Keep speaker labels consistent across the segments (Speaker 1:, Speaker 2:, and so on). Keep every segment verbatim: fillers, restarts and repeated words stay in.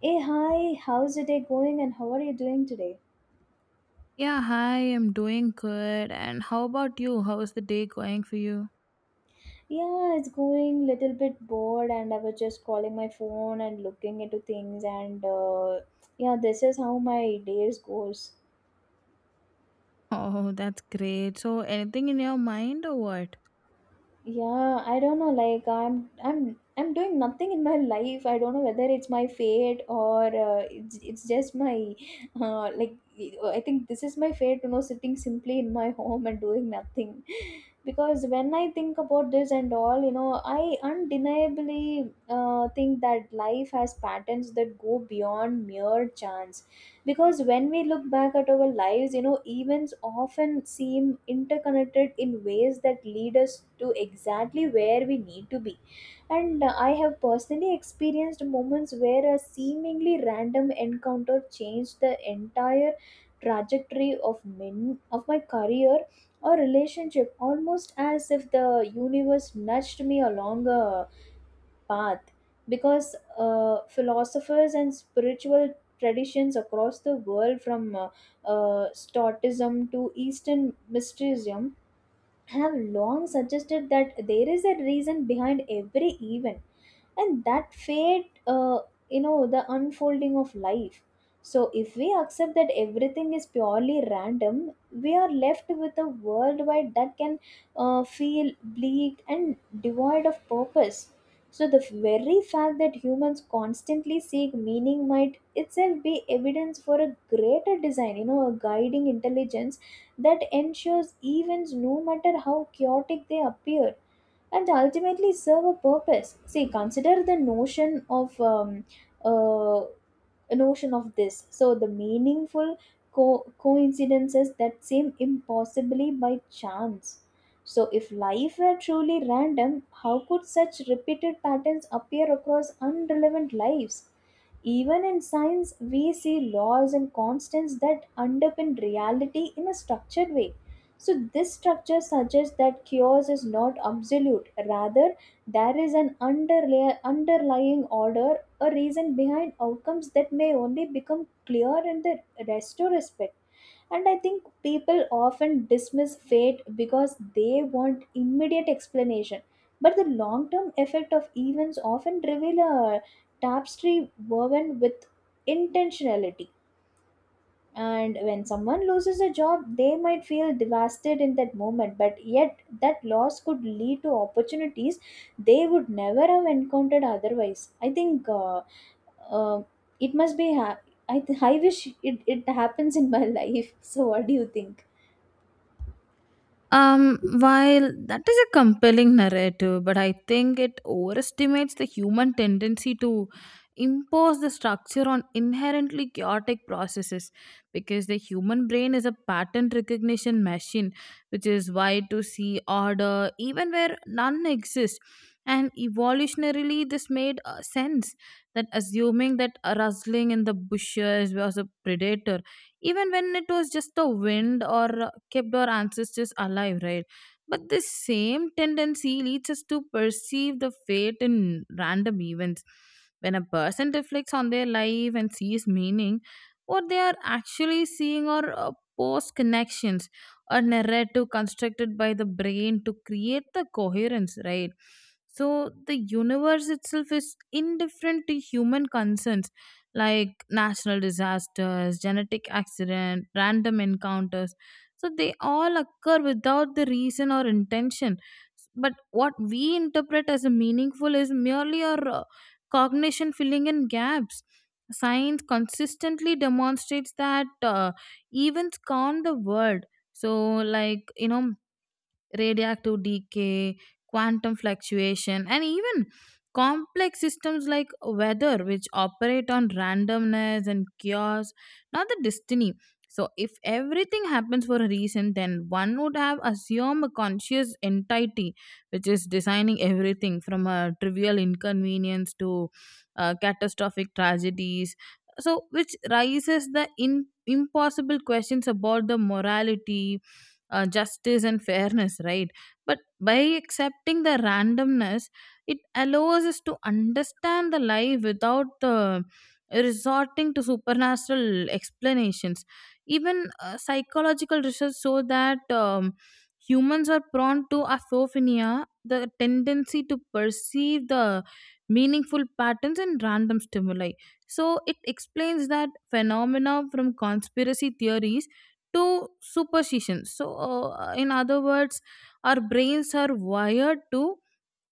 Speaker 1: Hey, hi, how's your day going and how are you doing today?
Speaker 2: Yeah, hi, I'm doing good. And how about you? How is the day going for you?
Speaker 1: Yeah, it's going little bit bored and I was just calling my phone and looking into things and uh, yeah, this is how my days goes.
Speaker 2: Oh, that's great. So, anything in your mind or what?
Speaker 1: Yeah, I don't know. Like I'm, I'm, I'm doing nothing in my life. I don't know whether it's my fate or uh, it's, it's just my, uh, like I think this is my fate. You know, sitting simply in my home and doing nothing, because when I think about this and all, you know, I undeniably uh, think that life has patterns that go beyond mere chance, because when we look back at our lives, you know, events often seem interconnected in ways that lead us to exactly where we need to be. And uh, I have personally experienced moments where a seemingly random encounter changed the entire trajectory of min- of my career or relationship, almost as if the universe nudged me along a path. Because uh, philosophers and spiritual traditions across the world, from uh, uh, stoicism to eastern mysticism, have long suggested that there is a reason behind every event, and that fate, uh, you know, the unfolding of life. So if we accept that everything is purely random, we are left with a worldwide that can uh, feel bleak and devoid of purpose. So the very fact that humans constantly seek meaning might itself be evidence for a greater design, you know, a guiding intelligence that ensures events, no matter how chaotic they appear, and ultimately serve a purpose. See, consider the notion of um, uh, notion of this. So the meaningful co- coincidences that seem impossibly by chance. So if life were truly random, how could such repeated patterns appear across unrelevant lives? Even in science, we see laws and constants that underpin reality in a structured way. So, this structure suggests that chaos is not absolute, rather, there is an underlay- underlying order, a reason behind outcomes that may only become clear in the retrospect. And I think people often dismiss fate because they want immediate explanation. But the long term effect of events often reveal a tapestry woven with intentionality. And when someone loses a job, they might feel devastated in that moment, but yet that loss could lead to opportunities they would never have encountered otherwise. I think uh, uh, it must be. Ha- I, th- I wish it, it happens in my life. So, what do you think?
Speaker 2: Um, while that is a compelling narrative, but I think it overestimates the human tendency to impose the structure on inherently chaotic processes because the human brain is a pattern recognition machine, which is why to see order even where none exists. And evolutionarily, this made uh, sense that assuming that a rustling in the bushes was a predator even when it was just the wind or uh, kept our ancestors alive, right? But this same tendency leads us to perceive the fate in random events. When a person reflects on their life and sees meaning, what they are actually seeing are uh, post connections, a narrative constructed by the brain to create the coherence, right? So the universe itself is indifferent to human concerns, like national disasters, genetic accident, random encounters. So they all occur without the reason or intention. But what we interpret as a meaningful is merely our uh, cognition filling in gaps. Science consistently demonstrates that uh, events calm the world. So, like, you know, radioactive decay, quantum fluctuation, and even complex systems like weather, which operate on randomness and chaos, not the destiny. So, if everything happens for a reason, then one would have assumed a conscious entity, which is designing everything from a trivial inconvenience to uh, catastrophic tragedies, so which raises the in, impossible questions about the morality, uh, justice and fairness, right? But by accepting the randomness, it allows us to understand the life without the resorting to supernatural explanations. Even uh, psychological research show that um, humans are prone to aphophinia, the tendency to perceive the meaningful patterns in random stimuli. So it explains that phenomena from conspiracy theories to superstitions. So, uh, in other words, our brains are wired to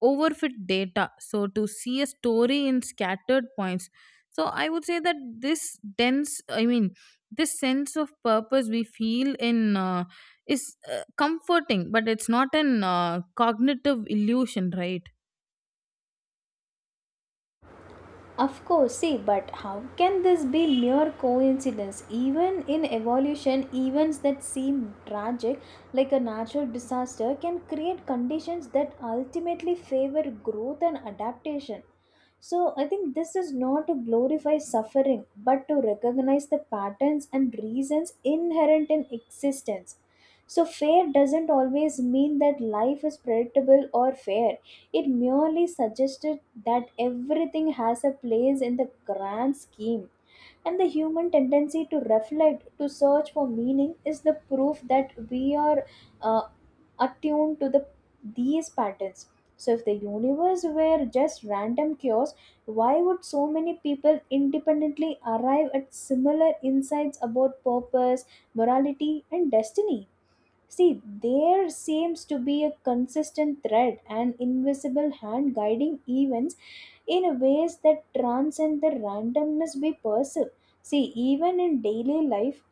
Speaker 2: overfit data, so to see a story in scattered points. So, I would say that this dense, I mean, this sense of purpose we feel in uh, is uh, comforting, but it's not an uh, cognitive illusion, right?
Speaker 1: Of course, see, but how can this be mere coincidence? Even in evolution, events that seem tragic, like a natural disaster, can create conditions that ultimately favor growth and adaptation. So I think this is not to glorify suffering, but to recognize the patterns and reasons inherent in existence. So fair doesn't always mean that life is predictable or fair. It merely suggested that everything has a place in the grand scheme. And the human tendency to reflect, to search for meaning, is the proof that we are uh, attuned to the these patterns. So if the universe were just random chaos, why would so many people independently arrive at similar insights about purpose, morality, and destiny? See, there seems to be a consistent thread, an invisible hand guiding events in ways that transcend the randomness we perceive. See, even in daily life,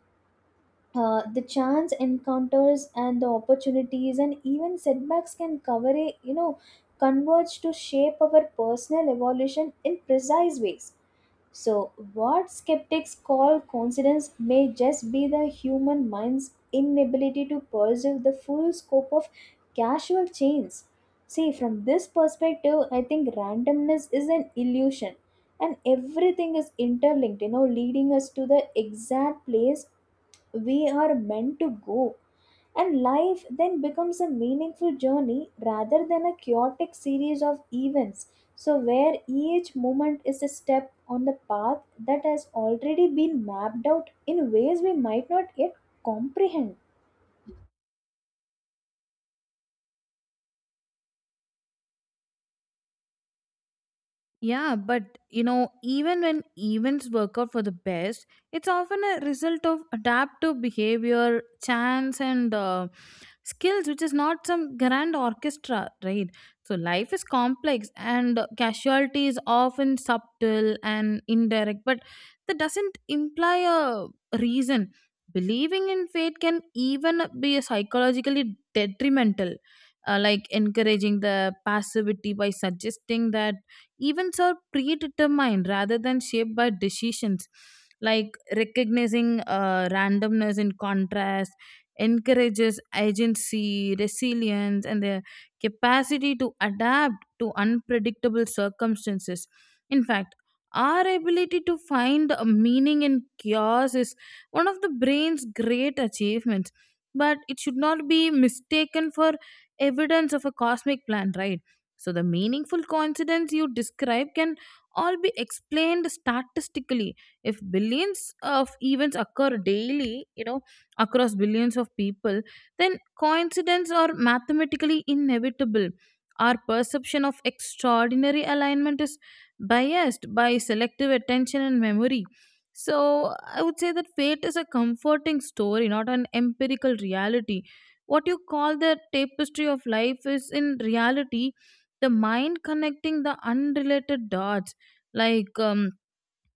Speaker 1: uh, the chance encounters and the opportunities and even setbacks can cover a, you know, converge to shape our personal evolution in precise ways. So what skeptics call coincidence may just be the human mind's inability to perceive the full scope of casual chains. See, from this perspective, I think randomness is an illusion, and everything is interlinked, you know, leading us to the exact place we are meant to go, and life then becomes a meaningful journey rather than a chaotic series of events, so where each moment is a step on the path that has already been mapped out in ways we might not yet comprehend.
Speaker 2: Yeah, but you know, even when events work out for the best, it's often a result of adaptive behavior, chance, and uh, skills, which is not some grand orchestra, right? So, life is complex, and casualty is often subtle and indirect, but that doesn't imply a reason. Believing in fate can even be psychologically detrimental. Uh, like encouraging the passivity by suggesting that events are predetermined rather than shaped by decisions, like recognizing uh, randomness in contrast encourages agency, resilience, and the capacity to adapt to unpredictable circumstances. In fact, our ability to find a meaning in chaos is one of the brain's great achievements, but it should not be mistaken for evidence of a cosmic plan, right? So the meaningful coincidence you describe can all be explained statistically. If billions of events occur daily, you know, across billions of people, then coincidence are mathematically inevitable. Our perception of extraordinary alignment is biased by selective attention and memory. So I would say that fate is a comforting story, not an empirical reality. What you call the tapestry of life is in reality the mind connecting the unrelated dots, like um,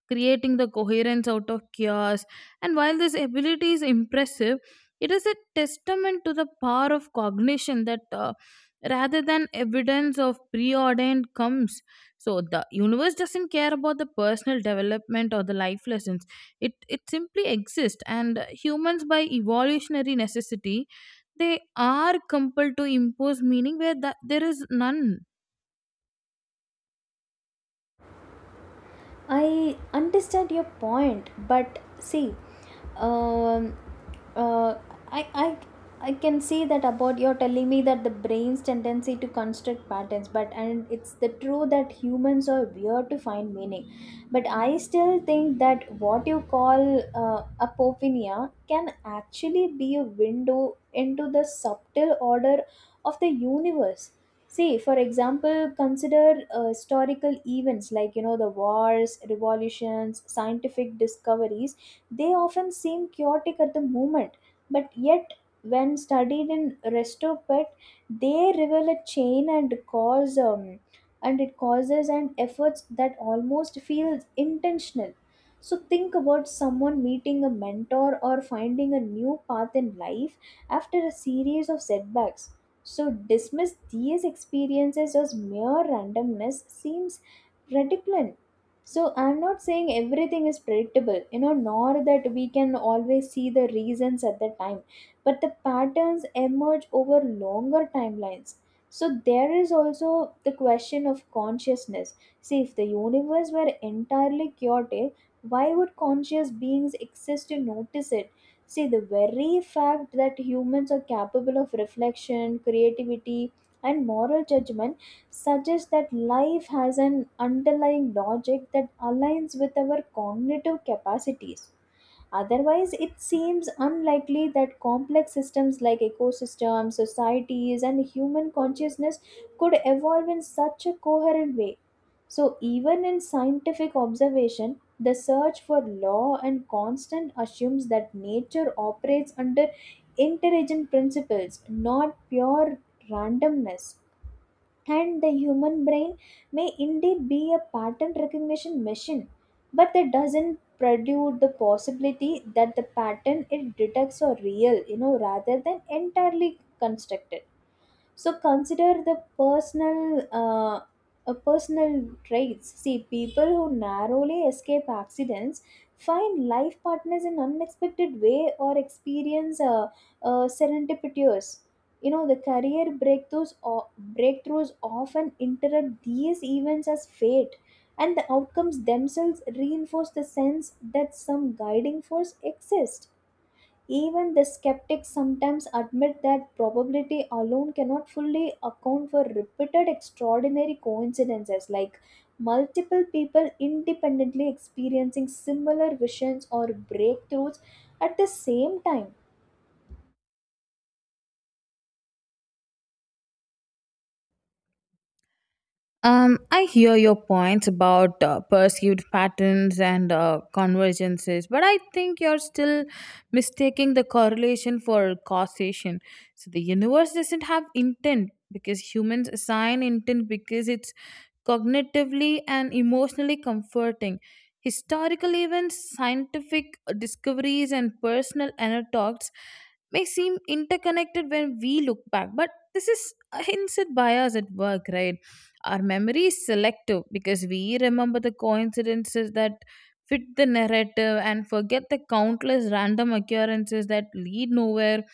Speaker 2: creating the coherence out of chaos. And while this ability is impressive, it is a testament to the power of cognition that, uh, rather than evidence of preordained comes. So the universe doesn't care about the personal development or the life lessons. It it simply exists, and uh, humans, by evolutionary necessity, they are compelled to impose meaning where that there is none.
Speaker 1: I understand your point, but see, um, uh, I, I, I can see that about you're telling me that the brain's tendency to construct patterns, but and it's the true that humans are weird to find meaning. But I still think that what you call uh, apophenia can actually be a window into the subtle order of the universe. See, for example, consider uh, historical events like, you know, the wars, revolutions, scientific discoveries. They often seem chaotic at the moment, but yet when studied in retrospect, they reveal a chain and cause um, and it causes and efforts that almost feels intentional. So think about someone meeting a mentor or finding a new path in life after a series of setbacks. So, dismiss these experiences as mere randomness seems ridiculous. So, I'm not saying everything is predictable, you know, nor that we can always see the reasons at the time, but the patterns emerge over longer timelines. So, there is also the question of consciousness. See, if the universe were entirely chaotic, why would conscious beings exist to notice it? See, the very fact that humans are capable of reflection, creativity, and moral judgment suggests that life has an underlying logic that aligns with our cognitive capacities. Otherwise, it seems unlikely that complex systems like ecosystems, societies, and human consciousness could evolve in such a coherent way. So, even in scientific observation, the search for law and constant assumes that nature operates under intelligent principles, not pure randomness. And the human brain may indeed be a pattern recognition machine, but that doesn't preclude the possibility that the pattern it detects are real, you know, rather than entirely constructed. So consider the personal uh, uh, personal traits. See, people who narrowly escape accidents, find life partners in unexpected way, or experience uh, uh, serendipitous, you know, the career breakthroughs or breakthroughs often interrupt these events as fate, and the outcomes themselves reinforce the sense that some guiding force exists. Even the skeptics sometimes admit that probability alone cannot fully account for repeated extraordinary coincidences, like multiple people independently experiencing similar visions or breakthroughs at the same time.
Speaker 2: Um, I hear your points about uh, perceived patterns and uh, convergences, but I think you're still mistaking the correlation for causation. So the universe doesn't have intent because humans assign intent because it's cognitively and emotionally comforting. Historical events, scientific discoveries, and personal anecdotes may seem interconnected when we look back, but this is a hindsight bias at work, right? Our memory is selective because we remember the coincidences that fit the narrative and forget the countless random occurrences that lead nowhere.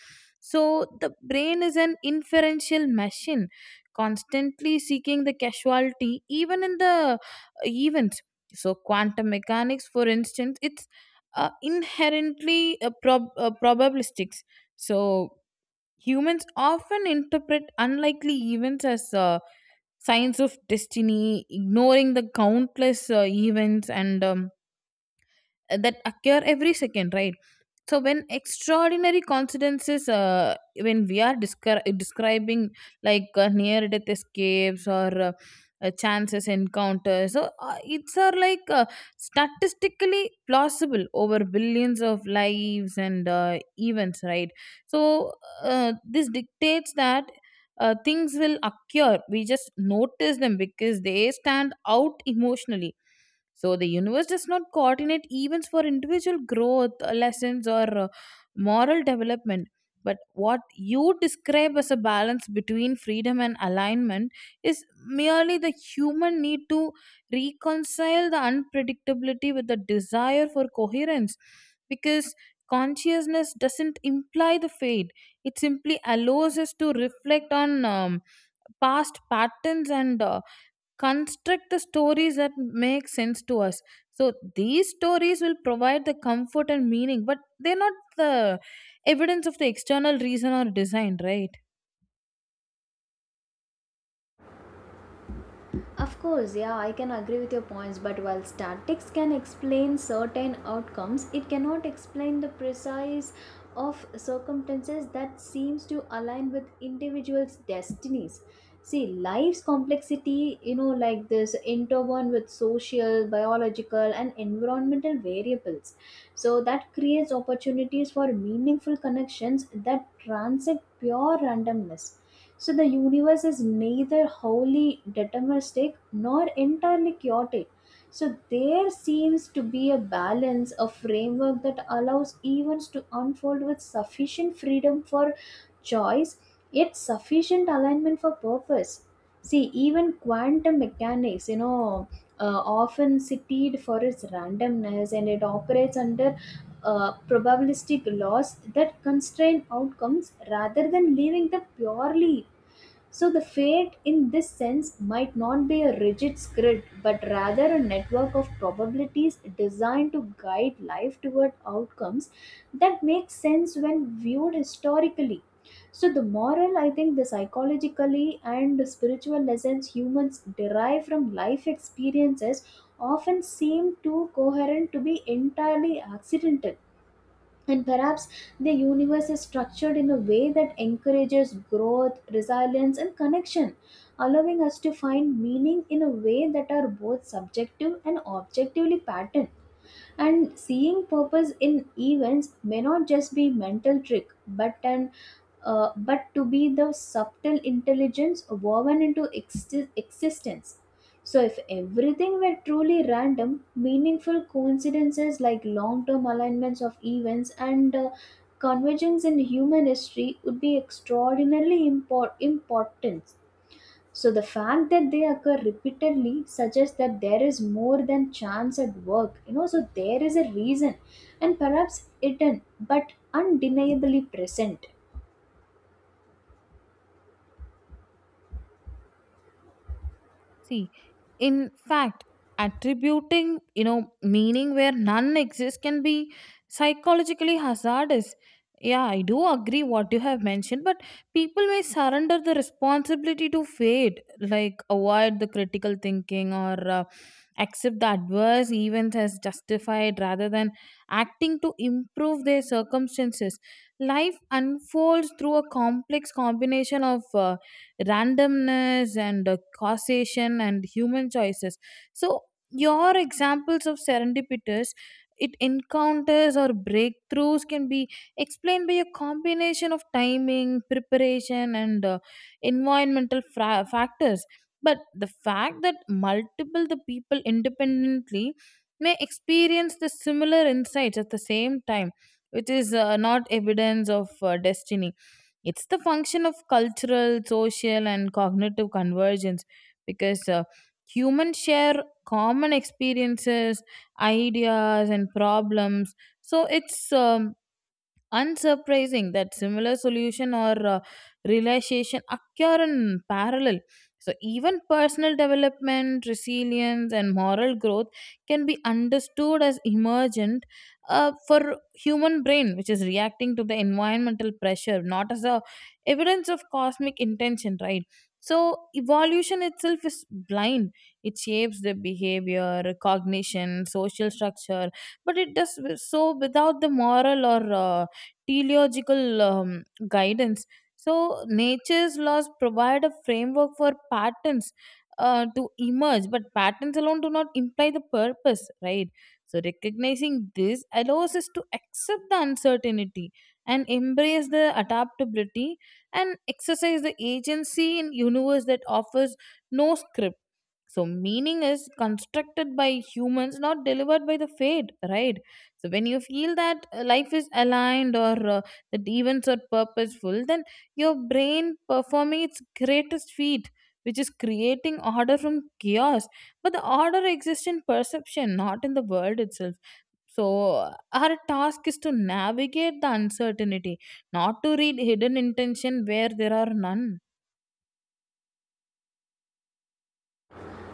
Speaker 2: So the brain is an inferential machine constantly seeking the casualty even in the uh, events. So quantum mechanics, for instance, it's uh, inherently uh, prob- uh, probabilistics. So humans often interpret unlikely events as uh, signs of destiny, ignoring the countless uh, events and um, that occur every second, right? So when extraordinary coincidences, uh, when we are descri- describing, like uh, near death escapes or uh, uh, chances encounters, so uh, it's are like uh, statistically plausible over billions of lives and uh, events, right? So uh, this dictates that uh, things will occur, we just notice them because they stand out emotionally. So the universe does not coordinate events for individual growth, uh, lessons, or uh, moral development. But what you describe as a balance between freedom and alignment is merely the human need to reconcile the unpredictability with the desire for coherence. Because consciousness doesn't imply the fate, it simply allows us to reflect on um, past patterns and uh, construct the stories that make sense to us. So these stories will provide the comfort and meaning, but they're not the evidence of the external reason or design, right?
Speaker 1: Of course, yeah, I can agree with your points, but while statics can explain certain outcomes, it cannot explain the precise of circumstances that seems to align with individuals' destinies. See, life's complexity, you know, like this, interwoven with social, biological, and environmental variables. So that creates opportunities for meaningful connections that transcend pure randomness. So the universe is neither wholly deterministic nor entirely chaotic. So there seems to be a balance, a framework that allows events to unfold with sufficient freedom for choice, yet sufficient alignment for purpose. See, even quantum mechanics, you know, uh, often cited for its randomness, and it operates under uh, probabilistic laws that constrain outcomes rather than leaving them purely. So, the fate in this sense might not be a rigid script, but rather a network of probabilities designed to guide life toward outcomes that make sense when viewed historically. So, the moral, I think, the psychologically and the spiritual lessons humans derive from life experiences often seem too coherent to be entirely accidental. And perhaps the universe is structured in a way that encourages growth, resilience, and connection, allowing us to find meaning in a way that are both subjective and objectively patterned. And seeing purpose in events may not just be mental trick, but an uh, but to be the subtle intelligence woven into exi- existence. So if everything were truly random, meaningful coincidences like long-term alignments of events and uh, convergence in human history would be extraordinarily impor- important. So the fact that they occur repeatedly suggests that there is more than chance at work. You know, so there is a reason, and perhaps hidden but undeniably present.
Speaker 2: See, in fact, attributing, you know, meaning where none exists can be psychologically hazardous. Yeah, I do agree what you have mentioned, but people may surrender the responsibility to fate, like avoid the critical thinking or uh, accept the adverse events as justified rather than acting to improve their circumstances. Life unfolds through a complex combination of uh, randomness and uh, causation and human choices. So, your examples of serendipitous it encounters or breakthroughs can be explained by a combination of timing preparation and uh, environmental fra- factors. But the fact that multiple the people independently may experience the similar insights at the same time, which is uh, not evidence of uh, destiny, it's the function of cultural, social, and cognitive convergence, because uh, humans share common experiences, ideas, and problems. So it's um, unsurprising that similar solution or uh, realization occur in parallel. So, even personal development, resilience, and moral growth can be understood as emergent uh, for human brain, which is reacting to the environmental pressure, not as a evidence of cosmic intention, right? So, evolution itself is blind. It shapes the behavior, cognition, social structure, but it does so without the moral or uh, teleological um, guidance. So, nature's laws provide a framework for patterns uh, to emerge, but patterns alone do not imply the purpose, right? So, recognizing this allows us to accept the uncertainty and embrace the adaptability and exercise the agency in universe that offers no script. So meaning is constructed by humans, not delivered by the fate, right? So when you feel that uh, life is aligned or uh, that events are purposeful, then your brain performing its greatest feat, which is creating order from chaos, but the order exists in perception, not in the world itself. So our task is to navigate the uncertainty, not to read hidden intention where there are none.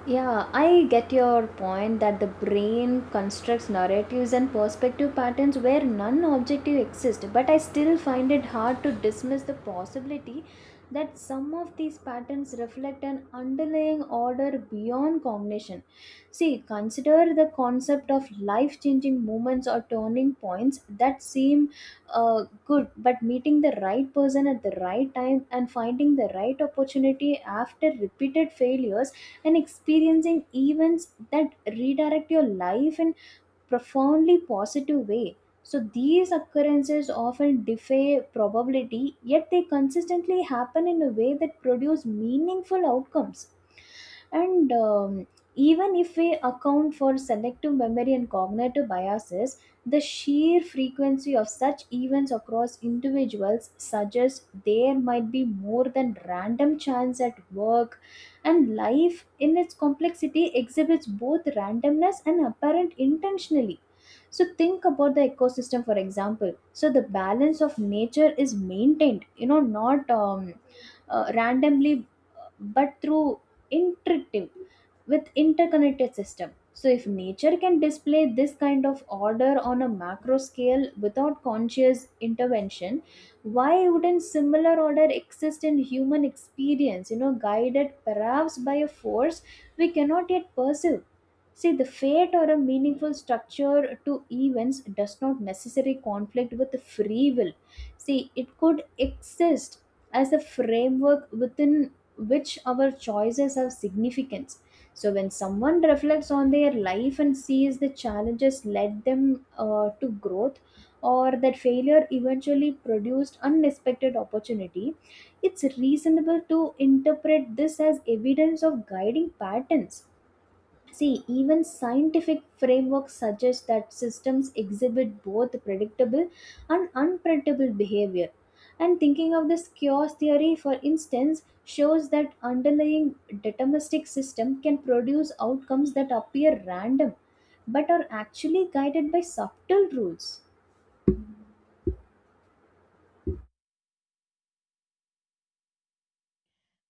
Speaker 1: Yeah, I get your point that the brain constructs narratives and perspective patterns where none objective exist, but I still find it hard to dismiss the possibility that some of these patterns reflect an underlying order beyond cognition. See, consider the concept of life changing moments or turning points that seem uh, good, but meeting the right person at the right time and finding the right opportunity after repeated failures and experiencing events that redirect your life in profoundly positive way. So these occurrences often defy probability, yet they consistently happen in a way that produce meaningful outcomes. And um, Even if we account for selective memory and cognitive biases, the sheer frequency of such events across individuals suggests there might be more than random chance at work. And life in its complexity exhibits both randomness and apparent intentionally. So think about the ecosystem, for example. So the balance of nature is maintained, you know, not um, uh, randomly, but through intuitive with interconnected system. So if nature can display this kind of order on a macro scale without conscious intervention, why wouldn't similar order exist in human experience, you know, guided perhaps by a force we cannot yet perceive. See, the fate or a meaningful structure to events does not necessarily conflict with the free will. See, it could exist as a framework within which our choices have significance. So, when someone reflects on their life and sees the challenges led them uh, to growth, or that failure eventually produced unexpected opportunity, it's reasonable to interpret this as evidence of guiding patterns. See, even scientific frameworks suggest that systems exhibit both predictable and unpredictable behavior. And thinking of this chaos theory, for instance, shows that underlying deterministic system can produce outcomes that appear random but are actually guided by subtle rules.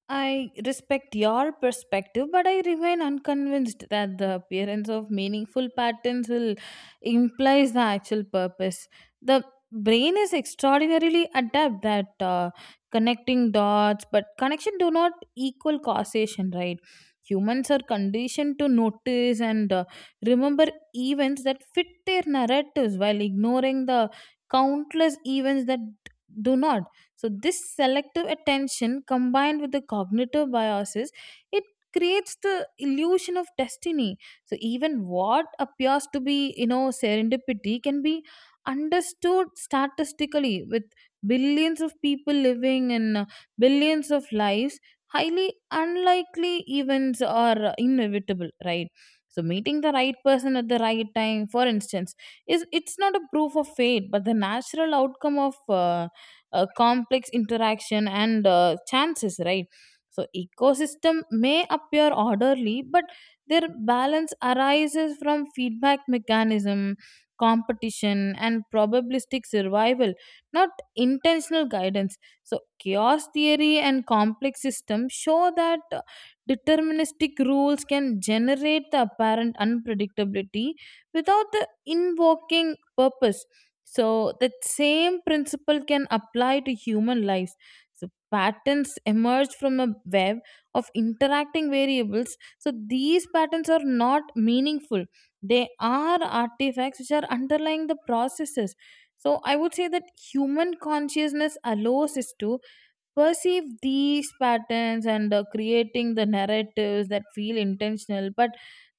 Speaker 2: I respect your perspective, but I remain unconvinced that the appearance of meaningful patterns will implies the actual purpose. The brain is extraordinarily adept at uh, connecting dots, but connection do not equal causation, right? Humans are conditioned to notice and uh, remember events that fit their narratives while ignoring the countless events that do not. So this selective attention combined with the cognitive biases, it creates the illusion of destiny. So even what appears to be, you know, serendipity can be understood statistically with billions of people living in uh, billions of lives, highly unlikely events are uh, inevitable, right? So meeting the right person at the right time, for instance, is it's not a proof of fate but the natural outcome of uh, uh, complex interaction and uh, chances, right? So ecosystem may appear orderly, but their balance arises from feedback mechanism, competition, and probabilistic survival, not intentional guidance. So chaos theory and complex systems show that uh, deterministic rules can generate the apparent unpredictability without the invoking purpose. So that same principle can apply to human lives. So patterns emerge from a web of interacting variables. So these patterns are not meaningful. They are artifacts which are underlying the processes. So I would say that human consciousness allows us to perceive these patterns and, uh, creating the narratives that feel intentional, but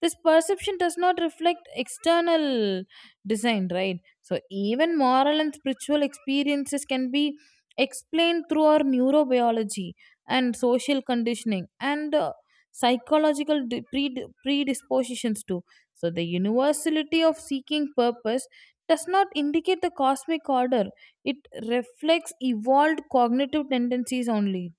Speaker 2: this perception does not reflect external design, right? So even moral and spiritual experiences can be explained through our neurobiology and social conditioning and uh, psychological di- pre- predispositions too. So the universality of seeking purpose does not indicate the cosmic order, it reflects evolved cognitive tendencies only.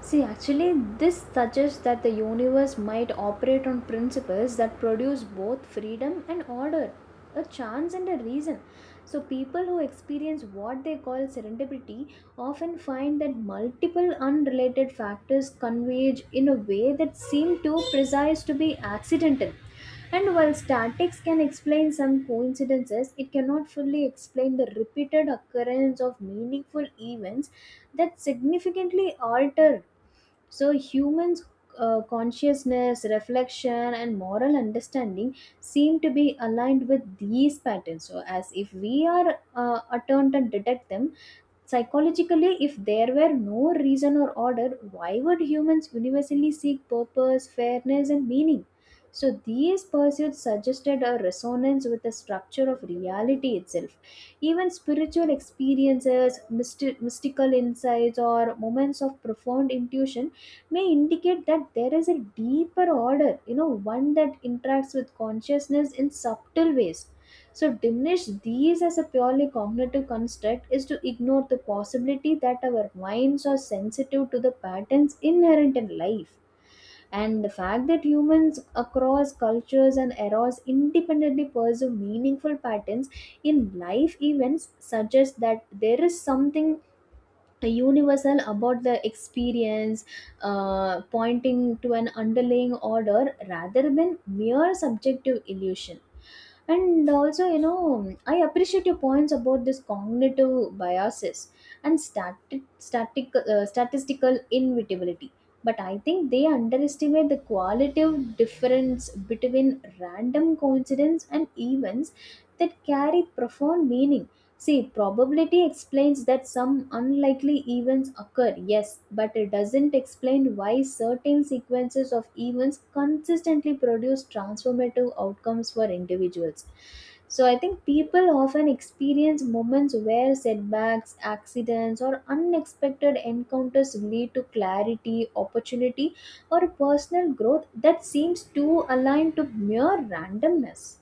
Speaker 1: See, actually, this suggests that the universe might operate on principles that produce both freedom and order, a chance and a reason. So, people who experience what they call serendipity often find that multiple unrelated factors converge in a way that seem too precise to be accidental. And while statics can explain some coincidences, it cannot fully explain the repeated occurrence of meaningful events that significantly alter. So, humans' uh, consciousness, reflection, and moral understanding seem to be aligned with these patterns. So, as if we are uh, attuned and detect them. Psychologically, if there were no reason or order, why would humans universally seek purpose, fairness, and meaning? So, these pursuits suggested a resonance with the structure of reality itself. Even spiritual experiences, mysti- mystical insights, or moments of profound intuition may indicate that there is a deeper order, you know, one that interacts with consciousness in subtle ways. So, diminish these as a purely cognitive construct is to ignore the possibility that our minds are sensitive to the patterns inherent in life. And the fact that humans across cultures and eras independently pursue meaningful patterns in life events suggests that there is something a universal about the experience, uh, pointing to an underlying order rather than mere subjective illusion. And also, you know, I appreciate your points about this cognitive biases and static, static uh, statistical inevitability, but I think they underestimate the qualitative difference between random coincidence and events that carry profound meaning. See, probability explains that some unlikely events occur, yes, but it doesn't explain why certain sequences of events consistently produce transformative outcomes for individuals. So, I think people often experience moments where setbacks, accidents, or unexpected encounters lead to clarity, opportunity, or personal growth that seems too aligned to mere randomness.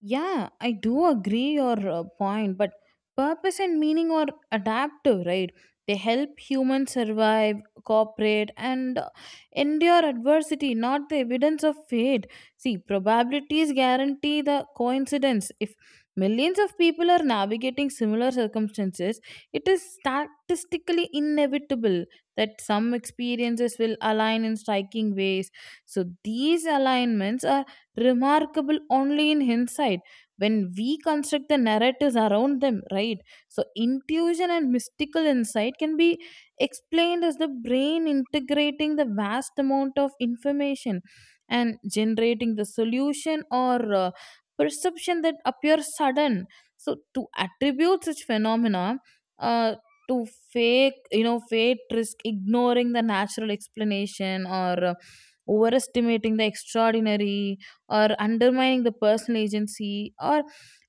Speaker 2: Yeah, I do agree your uh, point, but purpose and meaning are adaptive, right? They help humans survive, cooperate, and uh, endure adversity, not the evidence of fate. See, probabilities guarantee the coincidence. If millions of people are navigating similar circumstances, it is statistically inevitable that some experiences will align in striking ways. So, these alignments are remarkable only in hindsight when we construct the narratives around them, right? So, intuition and mystical insight can be explained as the brain integrating the vast amount of information and generating the solution or uh, perception that appears sudden. So, to attribute such phenomena, uh, to fake, you know, fate risk ignoring the natural explanation or uh, overestimating the extraordinary or undermining the personal agency or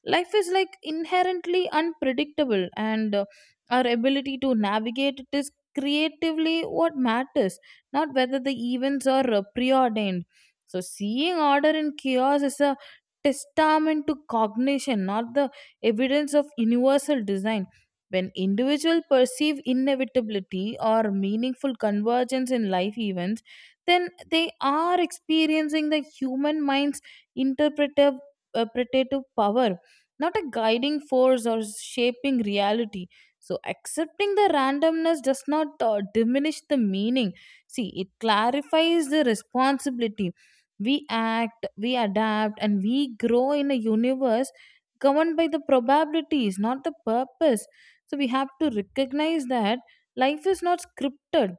Speaker 2: life is like inherently unpredictable, and uh, our ability to navigate it is creatively what matters, not whether the events are uh, preordained. So seeing order in chaos is a testament to cognition, not the evidence of universal design. When individuals perceive inevitability or meaningful convergence in life events, then they are experiencing the human mind's interpretive interpretative power, not a guiding force or shaping reality. So accepting the randomness does not uh, diminish the meaning, see it clarifies the responsibility. We act, we adapt, and we grow in a universe governed by the probabilities, not the purpose. So we have to recognize that life is not scripted,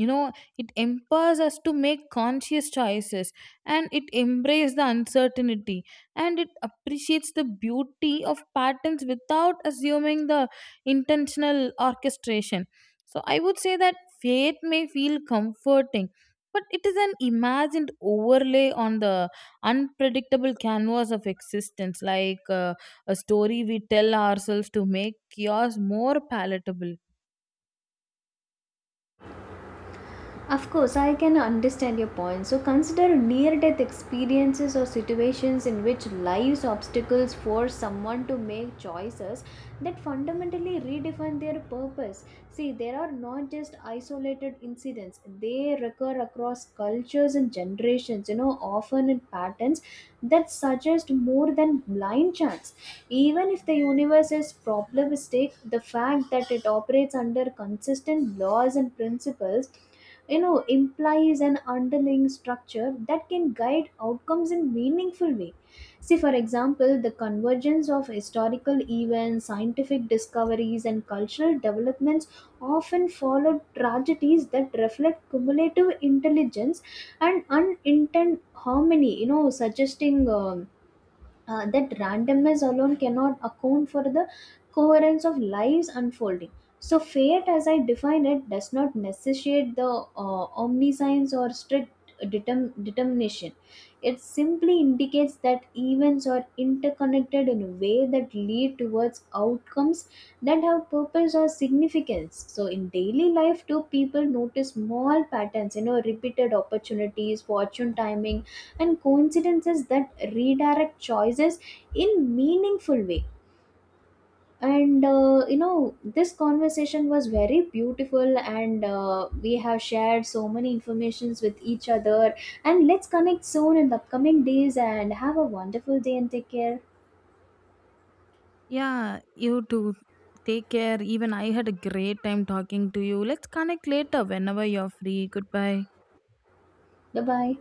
Speaker 2: you know, it empowers us to make conscious choices, and it embraces the uncertainty, and it appreciates the beauty of patterns without assuming the intentional orchestration. So I would say that faith may feel comforting, but it is an imagined overlay on the unpredictable canvas of existence, like uh, a story we tell ourselves to make chaos more palatable.
Speaker 1: Of course, I can understand your point. So, consider near death experiences or situations in which life's obstacles force someone to make choices that fundamentally redefine their purpose. See, there are not just isolated incidents, they recur across cultures and generations, you know, often in patterns that suggest more than blind chance. Even if the universe is probabilistic, the fact that it operates under consistent laws and principles, you know, implies an underlying structure that can guide outcomes in meaningful way. See, for example, the convergence of historical events, scientific discoveries, and cultural developments often follow tragedies that reflect cumulative intelligence and unintended harmony, you know, suggesting um, uh, that randomness alone cannot account for the coherence of lives unfolding. So, fate, as I define it, does not necessitate the uh, omniscience or strict determ- determination. It simply indicates that events are interconnected in a way that lead towards outcomes that have purpose or significance. So, in daily life, too, people notice small patterns, you know, repeated opportunities, fortune timing, and coincidences that redirect choices in meaningful way. And uh, you know, this conversation was very beautiful, and uh, we have shared so many informations with each other, and let's connect soon in the upcoming days and have a wonderful day and take care.
Speaker 2: Yeah, you too. Take care. Even I had a great time talking to you. Let's connect later whenever you're free. Goodbye.
Speaker 1: Bye bye.